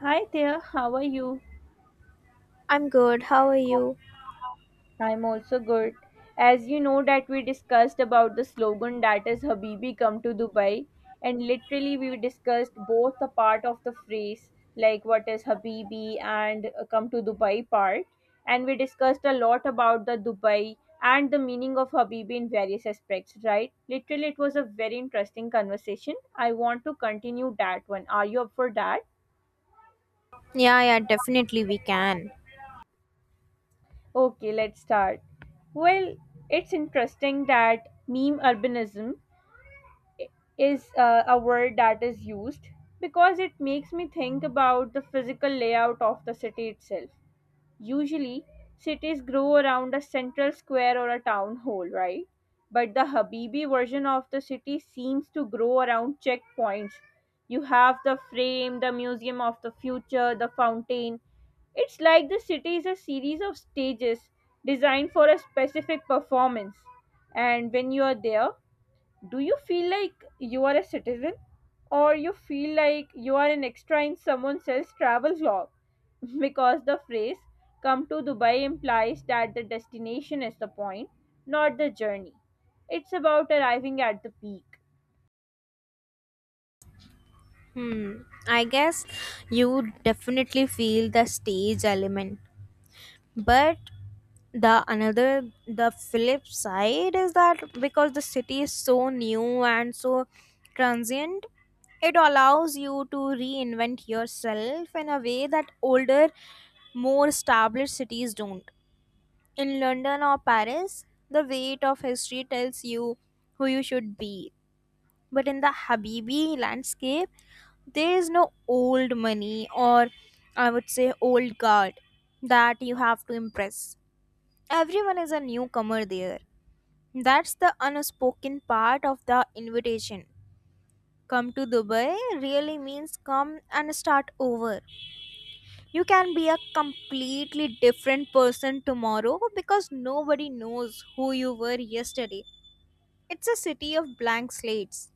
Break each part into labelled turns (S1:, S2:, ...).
S1: Hi there, how are you?
S2: I'm good. How are you?
S1: I'm also good. As you know that we discussed about the slogan that is Habibi come to Dubai, and literally we discussed both the part of the phrase like what is Habibi and come to Dubai part, and we discussed a lot about the Dubai and the meaning of Habibi in various aspects, right? Literally it was a very interesting conversation. I want to continue that one. Are you up for that?
S2: Yeah, yeah, definitely we can.
S1: Okay, let's start. Well, it's interesting that meme urbanism is a word that is used because it makes me think about the physical layout of the city itself. Usually, cities grow around a central square or a town hall, right? But the Habibi version of the city seems to grow around checkpoints. You have the frame, the museum of the future, the fountain. It's like the city is a series of stages designed for a specific performance. And when you are there, do you feel like you are a citizen, or you feel like you are an extra in someone else's travel vlog? Because the phrase come to Dubai implies that the destination is the point, not the journey. It's about arriving at the peak.
S2: Hmm. I guess you definitely feel the stage element. But the flip side is that because the city is so new and so transient, it allows you to reinvent yourself in a way that older, more established cities don't. In London or Paris, the weight of history tells you who you should be, but in the habibi landscape there is no old money, or I would say old guard, that you have to impress. Everyone is a newcomer there. That's the unspoken part of the invitation. Come to dubai really means come and start over. You can be a completely different person tomorrow because nobody knows who you were yesterday. It's a city of blank slates.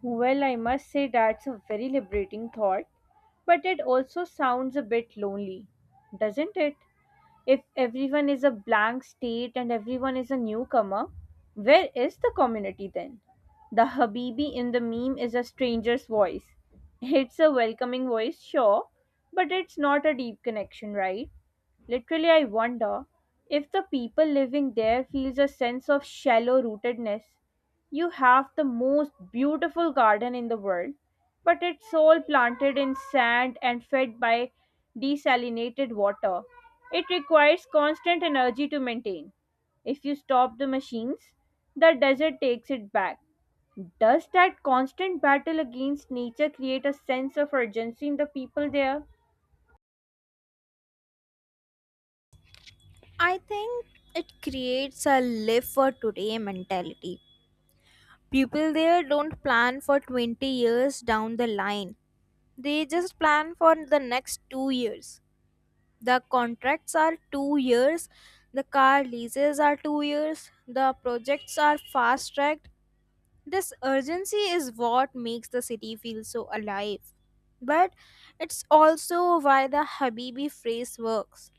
S1: Well, I must say that's a very liberating thought, but it also sounds a bit lonely, doesn't it? If everyone is a blank state and everyone is a newcomer, where is the community then? The Habibi in the meme is a stranger's voice. It's a welcoming voice, sure, but it's not a deep connection, right? Literally, I wonder if the people living there feels a sense of shallow rootedness. You have the most beautiful garden in the world, but it's all planted in sand and fed by desalinated water. It requires constant energy to maintain. If you stop the machines, the desert takes it back. Does that constant battle against nature create a sense of urgency in the people there?
S2: I think it creates a live for today mentality. People there don't plan for 20 years down the line, they just plan for the next 2 years. The contracts are 2 years, the car leases are 2 years, the projects are fast tracked. This urgency is what makes the city feel so alive. But it's also why the Habibi phrase works.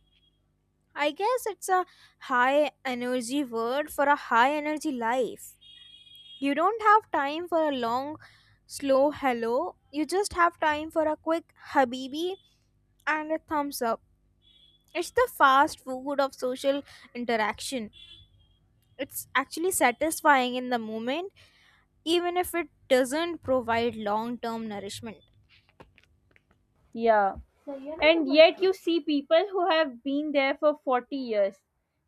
S2: I guess it's a high energy word for a high energy life. You don't have time for a long, slow hello. You just have time for a quick habibi and a thumbs up. It's the fast food of social interaction. It's actually satisfying in the moment, even if it doesn't provide long term nourishment.
S1: Yeah. And yet you see people who have been there for 40 years.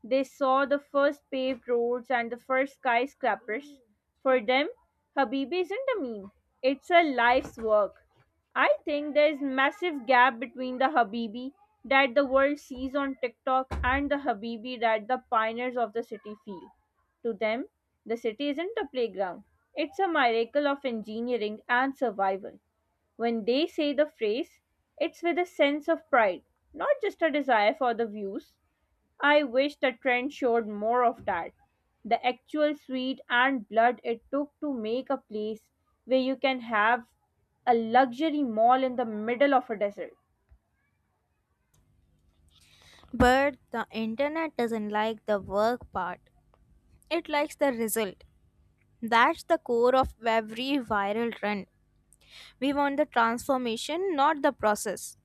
S1: They saw the first paved roads and the first skyscrapers. For them, Habibi isn't a meme. It's a life's work. I think there's massive gap between the Habibi that the world sees on TikTok and the Habibi that the pioneers of the city feel. To them, the city isn't a playground. It's a miracle of engineering and survival. When they say the phrase, it's with a sense of pride, not just a desire for the views. I wish the trend showed more of that. The actual sweat and blood it took to make a place where you can have a luxury mall in the middle of a desert.
S2: But the internet doesn't like the work part, it likes the result. That's the core of every viral trend. We want the transformation, not the process.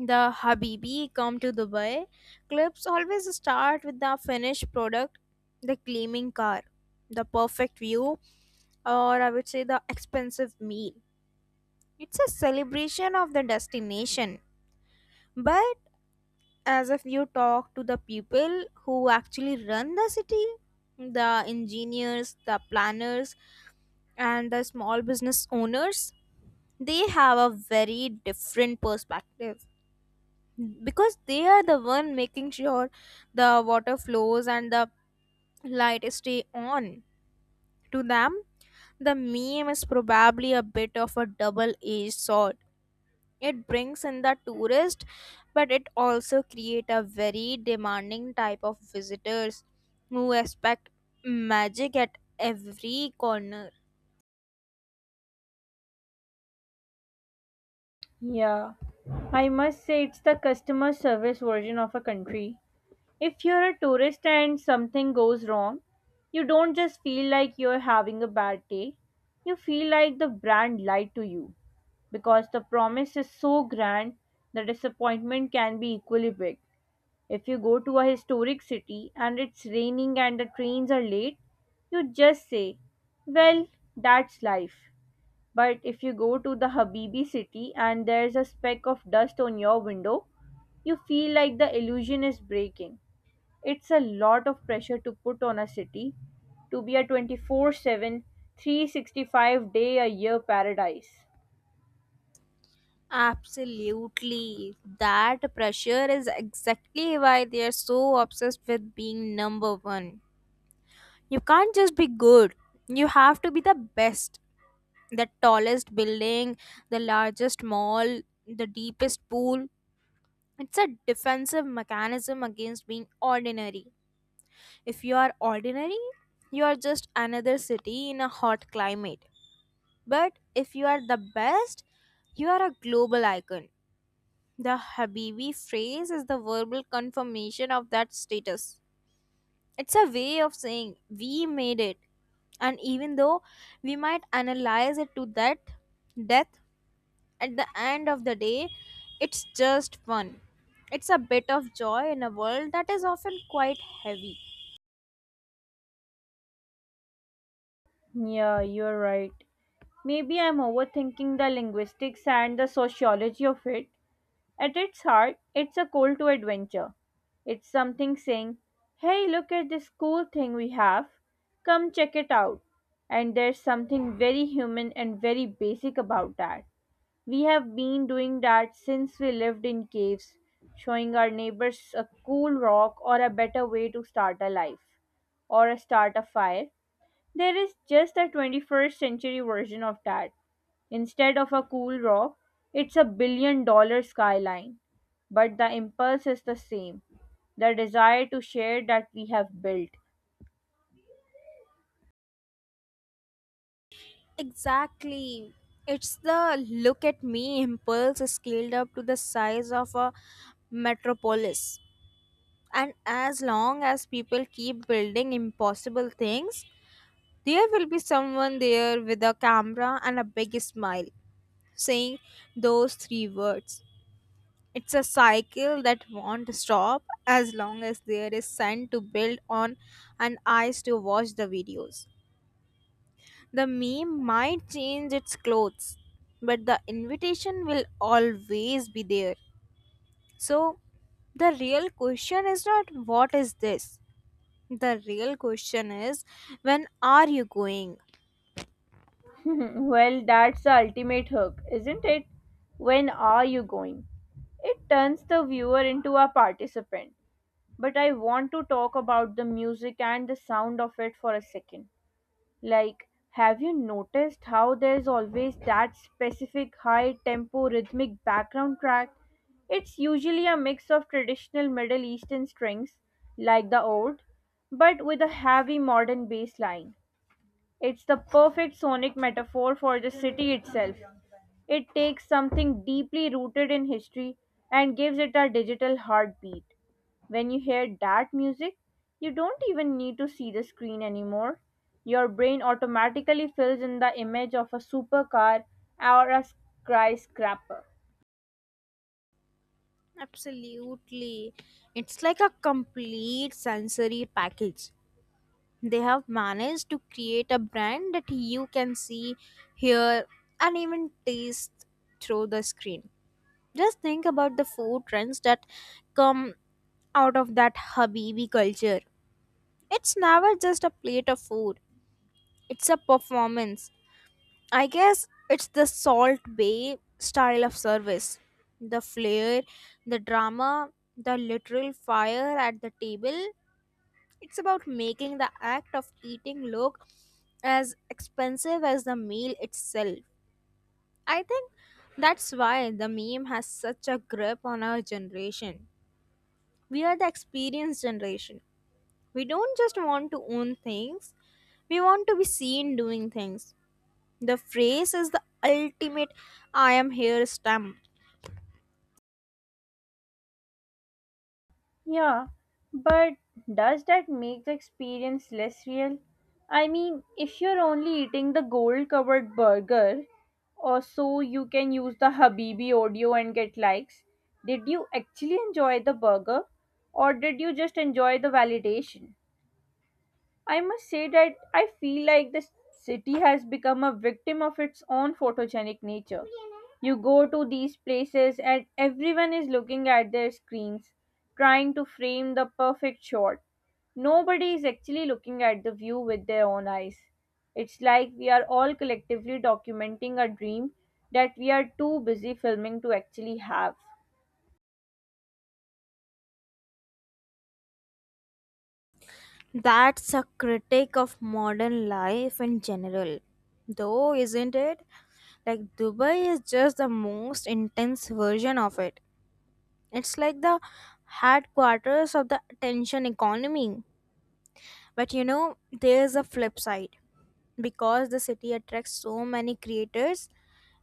S2: The Habibi come to Dubai clips always start with the finished product, the gleaming car, the perfect view, or I would say the expensive meal. It's a celebration of the destination. But as if you talk to the people who actually run the city, the engineers, the planners, and the small business owners, they have a very different perspective. Because they are the one making sure the water flows and the light stay on. To them, the meme is probably a bit of a double-edged sword. It brings in the tourist, but it also create a very demanding type of visitors who expect magic at every corner.
S1: Yeah, I must say it's the customer service version of a country. If you're a tourist and something goes wrong, you don't just feel like you're having a bad day. You feel like the brand lied to you because the promise is so grand the disappointment can be equally big. If you go to a historic city and it's raining and the trains are late, you just say, "Well, that's life." But if you go to the Habibi city and there's a speck of dust on your window, you feel like the illusion is breaking. It's a lot of pressure to put on a city to be a 24/7, 365 day a year paradise.
S2: Absolutely, that pressure is exactly why they are so obsessed with being number one. You can't just be good. You have to be the best. The tallest building, the largest mall, the deepest pool. It's a defensive mechanism against being ordinary. If you are ordinary, you are just another city in a hot climate. But if you are the best, you are a global icon. The Habibi phrase is the verbal confirmation of that status. It's a way of saying we made it. And even though we might analyze it to that death, at the end of the day, it's just fun. It's a bit of joy in a world that is often quite heavy.
S1: Yeah, you're right. Maybe I'm overthinking the linguistics and the sociology of it. At its heart, it's a call to adventure. It's something saying, "Hey, look at this cool thing we have. Come check it out." And there's something very human and very basic about that. We have been doing that since we lived in caves, showing our neighbors a cool rock or a better way to start a life or a start a fire. There is just a 21st century version of that. Instead of a cool rock, it's a $1 billion skyline. But the impulse is the same, the desire to share that we have built.
S2: Exactly. It's the look at me impulse scaled up to the size of a metropolis. And as long as people keep building impossible things, there will be someone there with a camera and a big smile saying those three words. It's a cycle that won't stop as long as there is sun to build on and eyes to watch the videos. The meme might change its clothes, but the invitation will always be there. So, the real question is not what is this? The real question is when are you going?
S1: Well, that's the ultimate hook, isn't it? When are you going? It turns the viewer into a participant. But I want to talk about the music and the sound of it for a second. Like, have you noticed how there's always that specific high tempo rhythmic background track? It's usually a mix of traditional Middle Eastern strings, like the oud, but with a heavy modern bass line. It's the perfect sonic metaphor for the city itself. It takes something deeply rooted in history and gives it a digital heartbeat. When you hear that music, you don't even need to see the screen anymore. Your brain automatically fills in the image of a supercar or a skyscraper.
S2: Absolutely. It's like a complete sensory package. They have managed to create a brand that you can see, hear, and even taste through the screen. Just think about the food trends that come out of that Habibi culture. It's never just a plate of food, it's a performance. I guess it's the Salt Bay style of service. The flair, the drama, the literal fire at the table. It's about making the act of eating look as expensive as the meal itself. I think that's why the meme has such a grip on our generation. We are the experienced generation. We don't just want to own things, we want to be seen doing things. The phrase is the ultimate I am here stamp.
S1: Yeah, but does that make the experience less real? I mean, if you're only eating the gold covered burger, or so you can use the Habibi audio and get likes, did you actually enjoy the burger? Or did you just enjoy the validation? I must say that I feel like the city has become a victim of its own photogenic nature. You go to these places and everyone is looking at their screens, trying to frame the perfect shot. Nobody is actually looking at the view with their own eyes. It's like we are all collectively documenting a dream that we are too busy filming to actually have.
S2: That's a critique of modern life in general, though, isn't it? Like, Dubai is just the most intense version of it. It's like the headquarters of the attention economy. But you know, there's a flip side. Because the city attracts so many creators,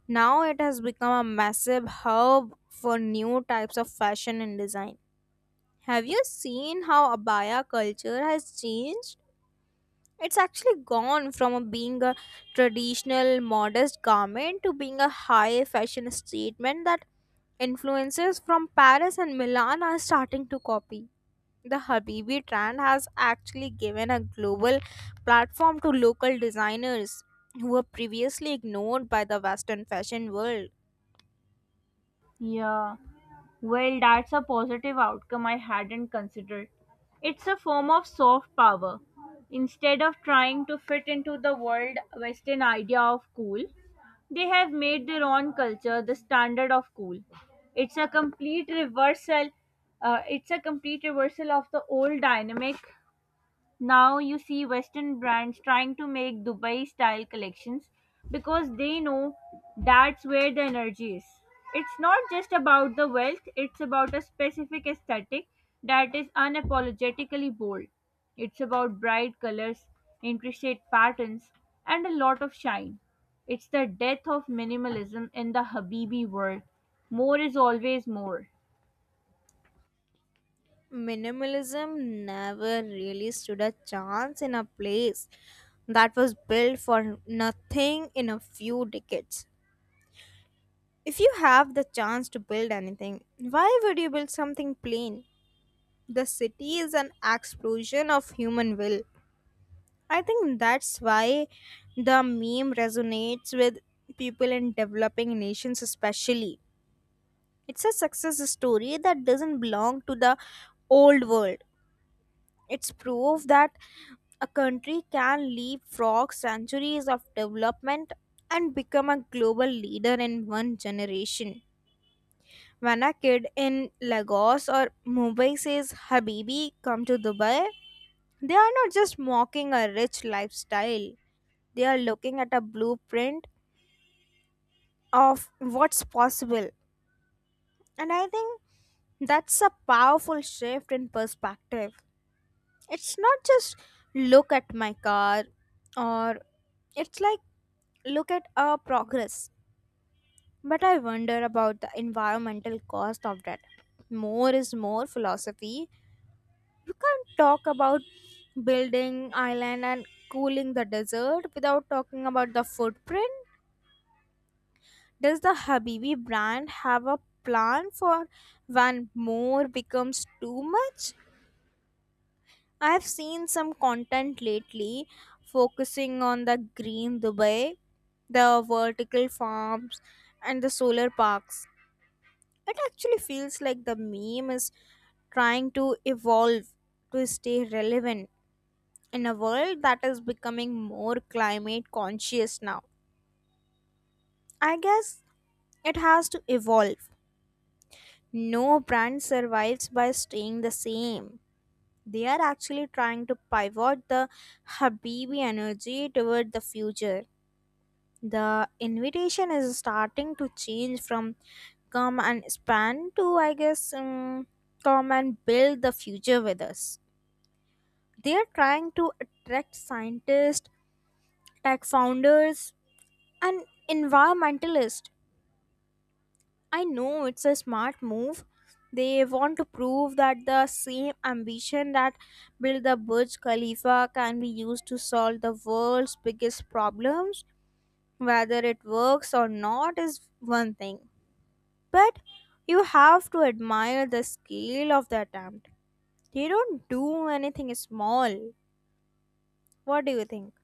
S2: now it has become a massive hub for new types of fashion and design. Have you seen how abaya culture has changed? It's actually gone from being a traditional modest garment to being a high fashion statement that influencers from Paris and Milan are starting to copy. The Habibi trend has actually given a global platform to local designers who were previously ignored by the Western fashion world.
S1: Yeah. Well, that's a positive outcome I hadn't considered. It's a form of soft power. Instead of trying to fit into the world Western idea of cool, they have made their own culture the standard of cool. It's a complete reversal. It's a complete reversal of the old dynamic. Now you see Western brands trying to make Dubai style collections because they know that's where the energy is. It's not just about the wealth, it's about a specific aesthetic that is unapologetically bold. It's about bright colors, intricate patterns, and a lot of shine. It's the death of minimalism in the Habibi world. More is always more.
S2: Minimalism never really stood a chance in a place that was built for nothing in a few decades. If you have the chance to build anything, why would you build something plain? The city is an explosion of human will. I think that's why the meme resonates with people in developing nations, especially. It's a success story that doesn't belong to the old world. It's proof that a country can leapfrog centuries of development and become a global leader in one generation. When a kid in Lagos or Mumbai says, Habibi, come to Dubai, they are not just mocking a rich lifestyle, they are looking at a blueprint of what's possible. And I think that's a powerful shift in perspective. It's not just look at my car, or it's like look at our progress. But I wonder about the environmental cost of that. More is more philosophy. You can't talk about building island and cooling the desert without talking about the footprint. Does the Habibi brand have a plan for when more becomes too much? I've seen some content lately focusing on the green Dubai, the vertical farms, and the solar parks. It actually feels like the meme is trying to evolve to stay relevant in a world that is becoming more climate conscious now. I guess it has to evolve. No brand survives by staying the same. They are actually trying to pivot the Habibi energy toward the future. The invitation is starting to change from come and span to I guess come and build the future with us. They are trying to attract scientists, tech founders, and environmentalists. I know it's a smart move. They want to prove that the same ambition that built the burj khalifa can be used to solve the world's biggest problems, whether it works or not is one thing. But you have to admire the scale of the attempt. They don't do anything small. What do you think?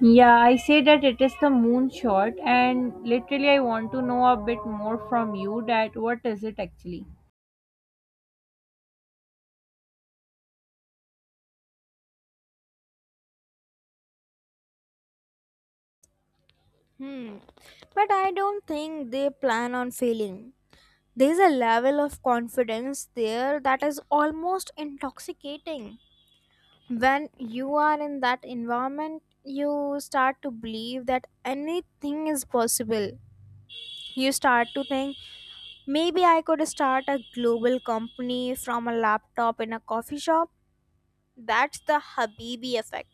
S1: Yeah, I say that it is the moonshot, and literally, I want to know a bit more from you that what is it actually?
S2: Hmm. But I don't think they plan on failing. There's a level of confidence there that is almost intoxicating. When you are in that environment, you start to believe that anything is possible. You start to think maybe I could start a global company from a laptop in a coffee shop. That's the Habibi effect.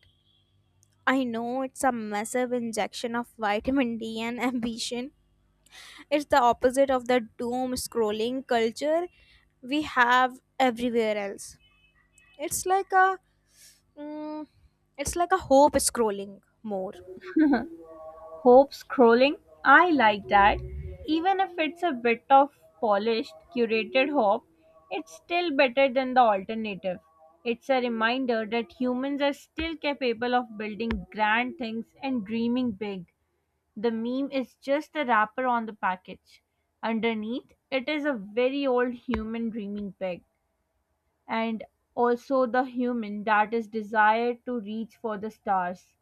S2: I know it's a massive injection of vitamin D and ambition. It's the opposite of the doom scrolling culture we have everywhere else. It's like a mm, hope scrolling more.
S1: Hope scrolling? I like that. Even if it's a bit of polished, curated hope, it's still better than the alternative. It's a reminder that humans are still capable of building grand things and dreaming big. The meme is just the wrapper on the package. Underneath, it is a very old human dreaming big, and also the human that is desired to reach for the stars,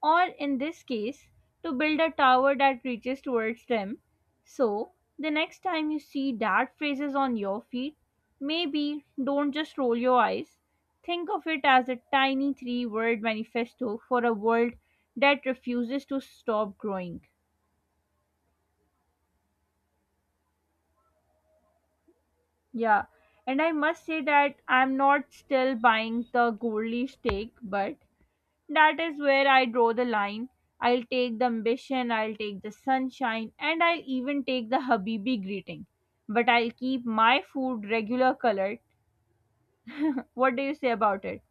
S1: or in this case, to build a tower that reaches towards them. So, the next time you see that phrases on your feed, maybe don't just roll your eyes. Think of it as a tiny three word manifesto for a world that refuses to stop growing. Yeah, and I must say that I'm not still buying the Goldie steak, but that is where I draw the line. I'll take the ambition, I'll take the sunshine, and I'll even take the Habibi greeting. But I'll keep my food regular colored. What do you say about it?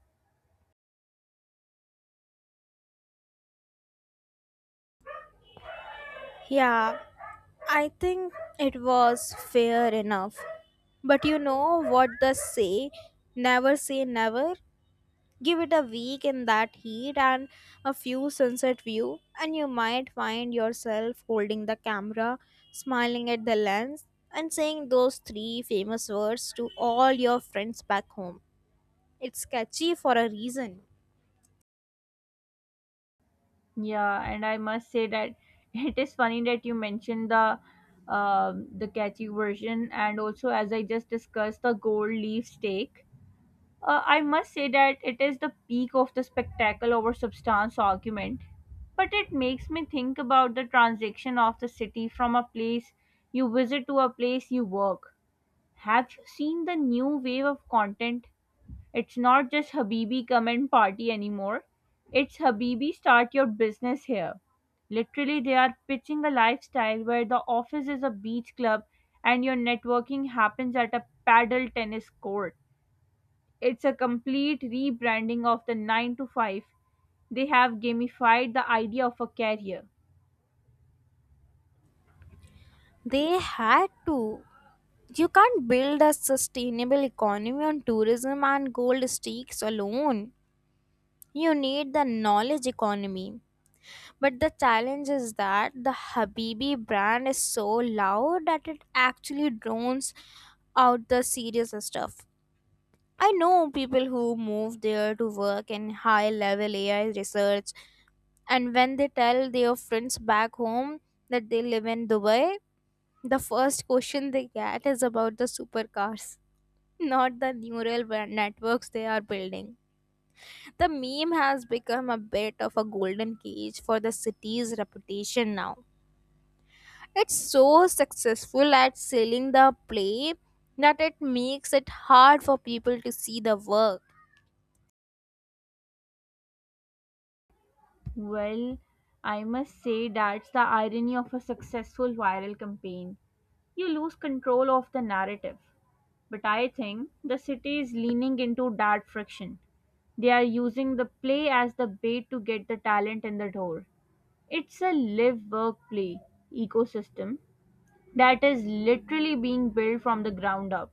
S2: Yeah, I think it was fair enough. But you know what they say, never say never. Give it a week in that heat and a few sunset view, and you might find yourself holding the camera, smiling at the lens, and saying those three famous words to all your friends back home. It's catchy for a reason.
S1: Yeah, and I must say that it is funny that you mentioned the the catchy version, and also as I just discussed the gold leaf steak. I must say that it is the peak of the spectacle over substance argument, but it makes me think about the transition of the city from a place you visit to a place you work. Have you seen the new wave of content? It's not just Habibi come and party anymore. It's Habibi start your business here. Literally, they are pitching a lifestyle where the office is a beach club and your networking happens at a paddle tennis court. It's a complete rebranding of the 9 to 5. They have gamified the idea of a career.
S2: They had to. You can't build a sustainable economy on tourism and gold stakes alone. You need the knowledge economy. But the challenge is that the Habibi brand is so loud that it actually drones out the serious stuff. I know people who move there to work in high level AI research, and when they tell their friends back home that they live in Dubai, the first question they get is about the supercars, not the neural web networks they are building. The meme has become a bit of a golden cage for the city's reputation now. It's so successful at selling the play that it makes it hard for people to see the work.
S1: Well, I must say that's the irony of a successful viral campaign. You lose control of the narrative. But I think the city is leaning into that friction. They are using the play as the bait to get the talent in the door. It's a live work play ecosystem that is literally being built from the ground up.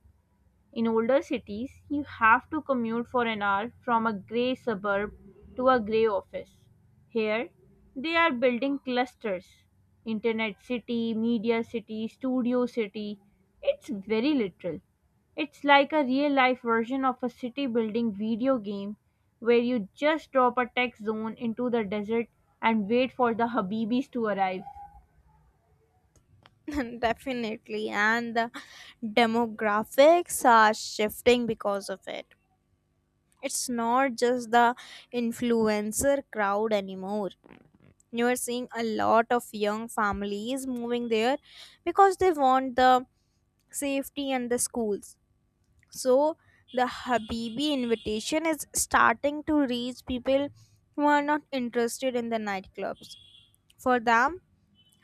S1: In older cities, you have to commute for an hour from a grey suburb to a grey office. Here, they are building clusters: Internet City, Media City, Studio City. It's very literal. It's like a real life version of a city building video game where you just drop a tech zone into the desert and wait for the Habibis to arrive.
S2: Definitely, and the demographics are shifting because of it. It's not just the influencer crowd anymore. You are seeing a lot of young families moving there because they want the safety and the schools. So the Habibi invitation is starting to reach people who are not interested in the nightclubs. For them,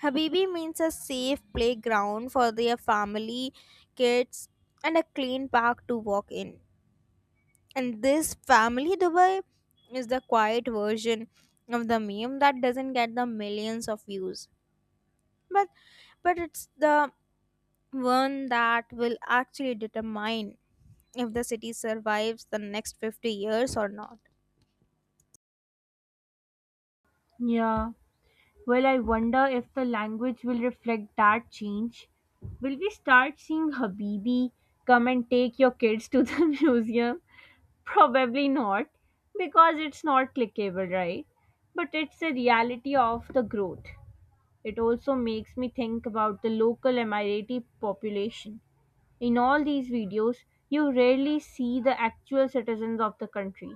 S2: Habibi means a safe playground for their family, kids, and a clean park to walk in. And this family Dubai is the quiet version of the meme that doesn't get the millions of views. But it's the one that will actually determine if the city survives the next 50 years or not.
S1: Yeah. Well, I wonder if the language will reflect that change. Will we start seeing Habibi come and take your kids to the museum? Probably not, because it's not clickable, right? But it's a reality of the growth. It also makes me think about the local Emirati population. In all these videos, you rarely see the actual citizens of the country.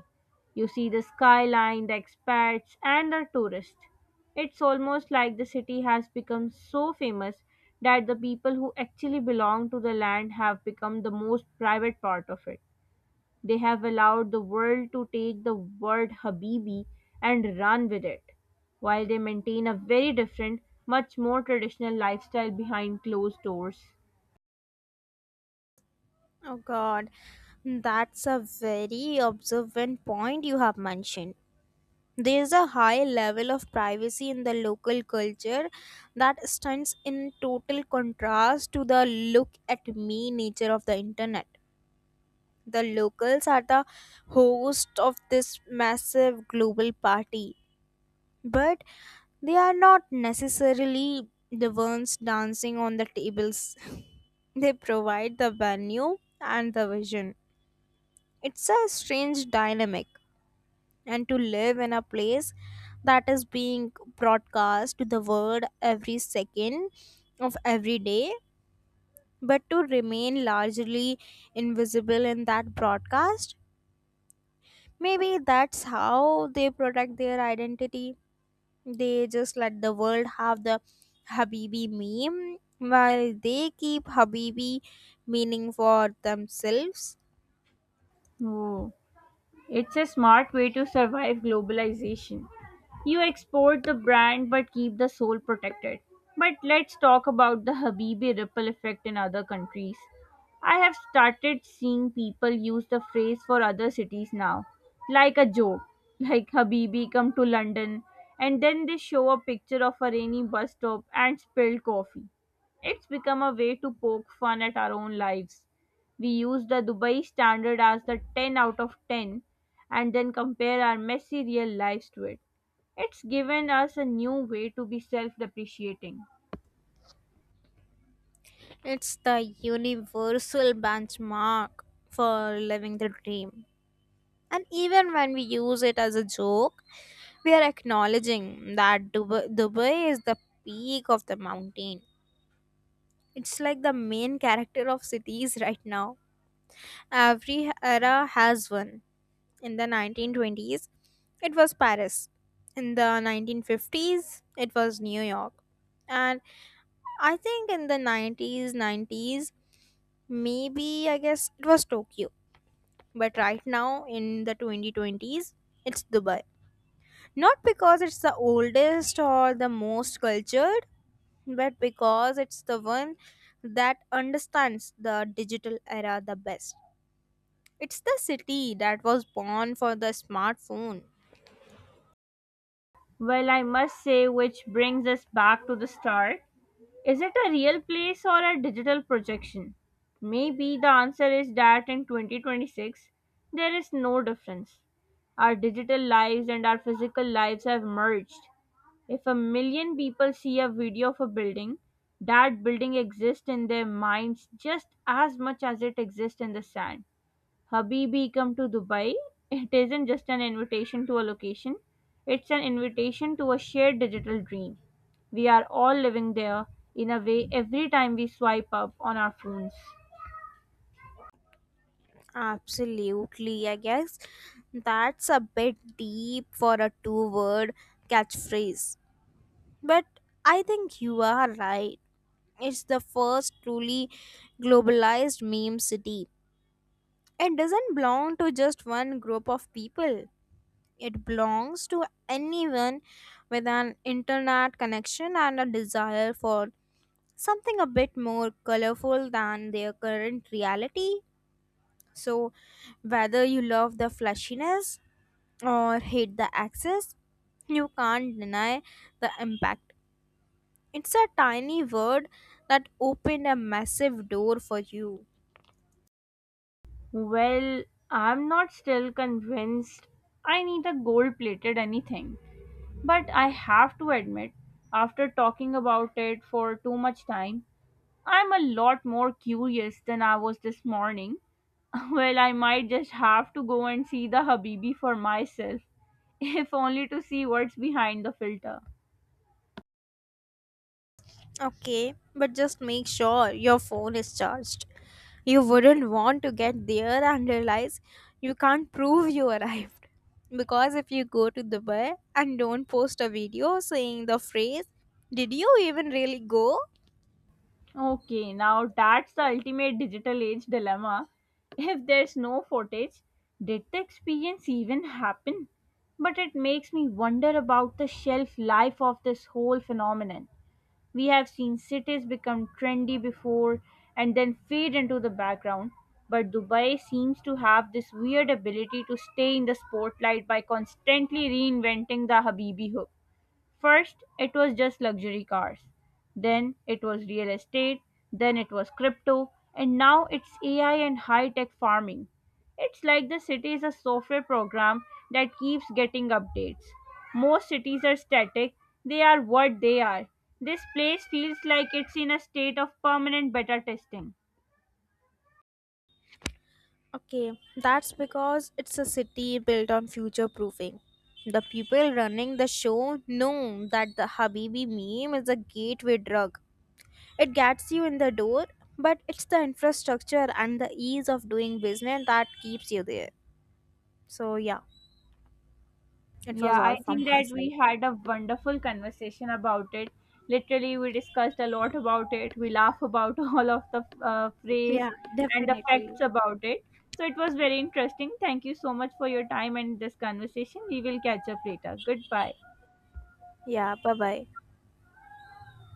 S1: You see the skyline, the expats, and the tourists. It's almost like the city has become so famous that the people who actually belong to the land have become the most private part of it. They have allowed the world to take the word Habibi and run with it, while they maintain a very different, much more traditional lifestyle behind closed doors.
S2: Oh god, that's a very observant point you have mentioned. There's a high level of privacy in the local culture that stands in total contrast to the look at me nature of the internet. The locals are the host of this massive global party, but they are not necessarily the ones dancing on the tables. They provide the venue and the vision. It's a strange dynamic, and to live in a place that is being broadcast to the world every second of every day, but to remain largely invisible in that broadcast. Maybe that's how they protect their identity. They just let the world have the Habibi meme while they keep Habibi meaning for themselves.
S1: Oh. It's a smart way to survive globalization. You export the brand but keep the soul protected. But let's talk about the Habibi ripple effect in other countries. I have started seeing people use the phrase for other cities now, like a joke, like Habibi come to London, and then they show a picture of a rainy bus stop and spilled coffee. It's become a way to poke fun at our own lives. We use the Dubai standard as the 10 out of 10, and then compare our messy real lives to it. It's given us a new way to be self depreciating.
S2: It's the universal benchmark for living the dream. And even when we use it as a joke, we are acknowledging that Dubai is the peak of the mountain. It's like the main character of cities right now. Every era has one. In the 1920s, it was Paris. In the 1950s, it was New York. And I think in the 90s, maybe I guess it was Tokyo. But right now, in the 2020s, it's Dubai. Not because it's the oldest or the most cultured, but because it's the one that understands the digital era the best. It's the city that was born for the smartphone.
S1: Well, I must say, which brings us back to the start. Is it a real place or a digital projection? Maybe the answer is that in 2026, there is no difference. Our digital lives and our physical lives have merged. If a million people see a video of a building, that building exists in their minds just as much as it exists in the sand. Habibi come to Dubai, it isn't just an invitation to a location, it's an invitation to a shared digital dream. We are all living there in a way every time we swipe up on our phones.
S2: Absolutely. I guess that's a bit deep for a two word catchphrase. But I think you are right. It's the first truly globalized meme city. It doesn't belong to just one group of people, it belongs to anyone with an internet connection and a desire for something a bit more colorful than their current reality. So, whether you love the flashiness or hate the access, you can't deny the impact. It's a tiny word that opened a massive door for you.
S1: Well, I'm not still convinced I need a gold plated anything, but I have to admit, after talking about it for too much time, I'm a lot more curious than I was this morning. Well, I might just have to go and see the Habibi for myself, if only to see what's behind the filter.
S2: Okay, but just make sure your phone is charged. You wouldn't want to get there and realize you can't prove you arrived. Because if you go to Dubai and don't post a video saying the phrase, did you even really go?
S1: Okay, now that's the ultimate digital age dilemma. If there's no footage, did the experience even happen? But it makes me wonder about the shelf life of this whole phenomenon. We have seen cities become trendy before and then fade into the background, but Dubai seems to have this weird ability to stay in the spotlight by constantly reinventing the Habibi hook. First, it was just luxury cars. Then, it was real estate. Then, it was crypto. And now, it's AI and high tech farming. It's like the city is a software program that keeps getting updates. Most cities are static, they are what they are. This place feels like it's in a state of permanent beta testing.
S2: Okay, that's because it's a city built on future proofing. The people running the show know that the Habibi meme is a gateway drug. It gets you in the door, but it's the infrastructure and the ease of doing business that keeps you there. So, yeah, it was
S1: Yeah, I
S2: all from
S1: think
S2: my
S1: that we
S2: side.
S1: had a wonderful conversation about it. Literally, we discussed a lot about it. We laugh about all of the phrase
S2: Yeah,
S1: and the
S2: definitely.
S1: facts about it. So it was very interesting. Thank you so much for your time and this conversation. We will catch up later. Goodbye.
S2: Yeah, bye bye.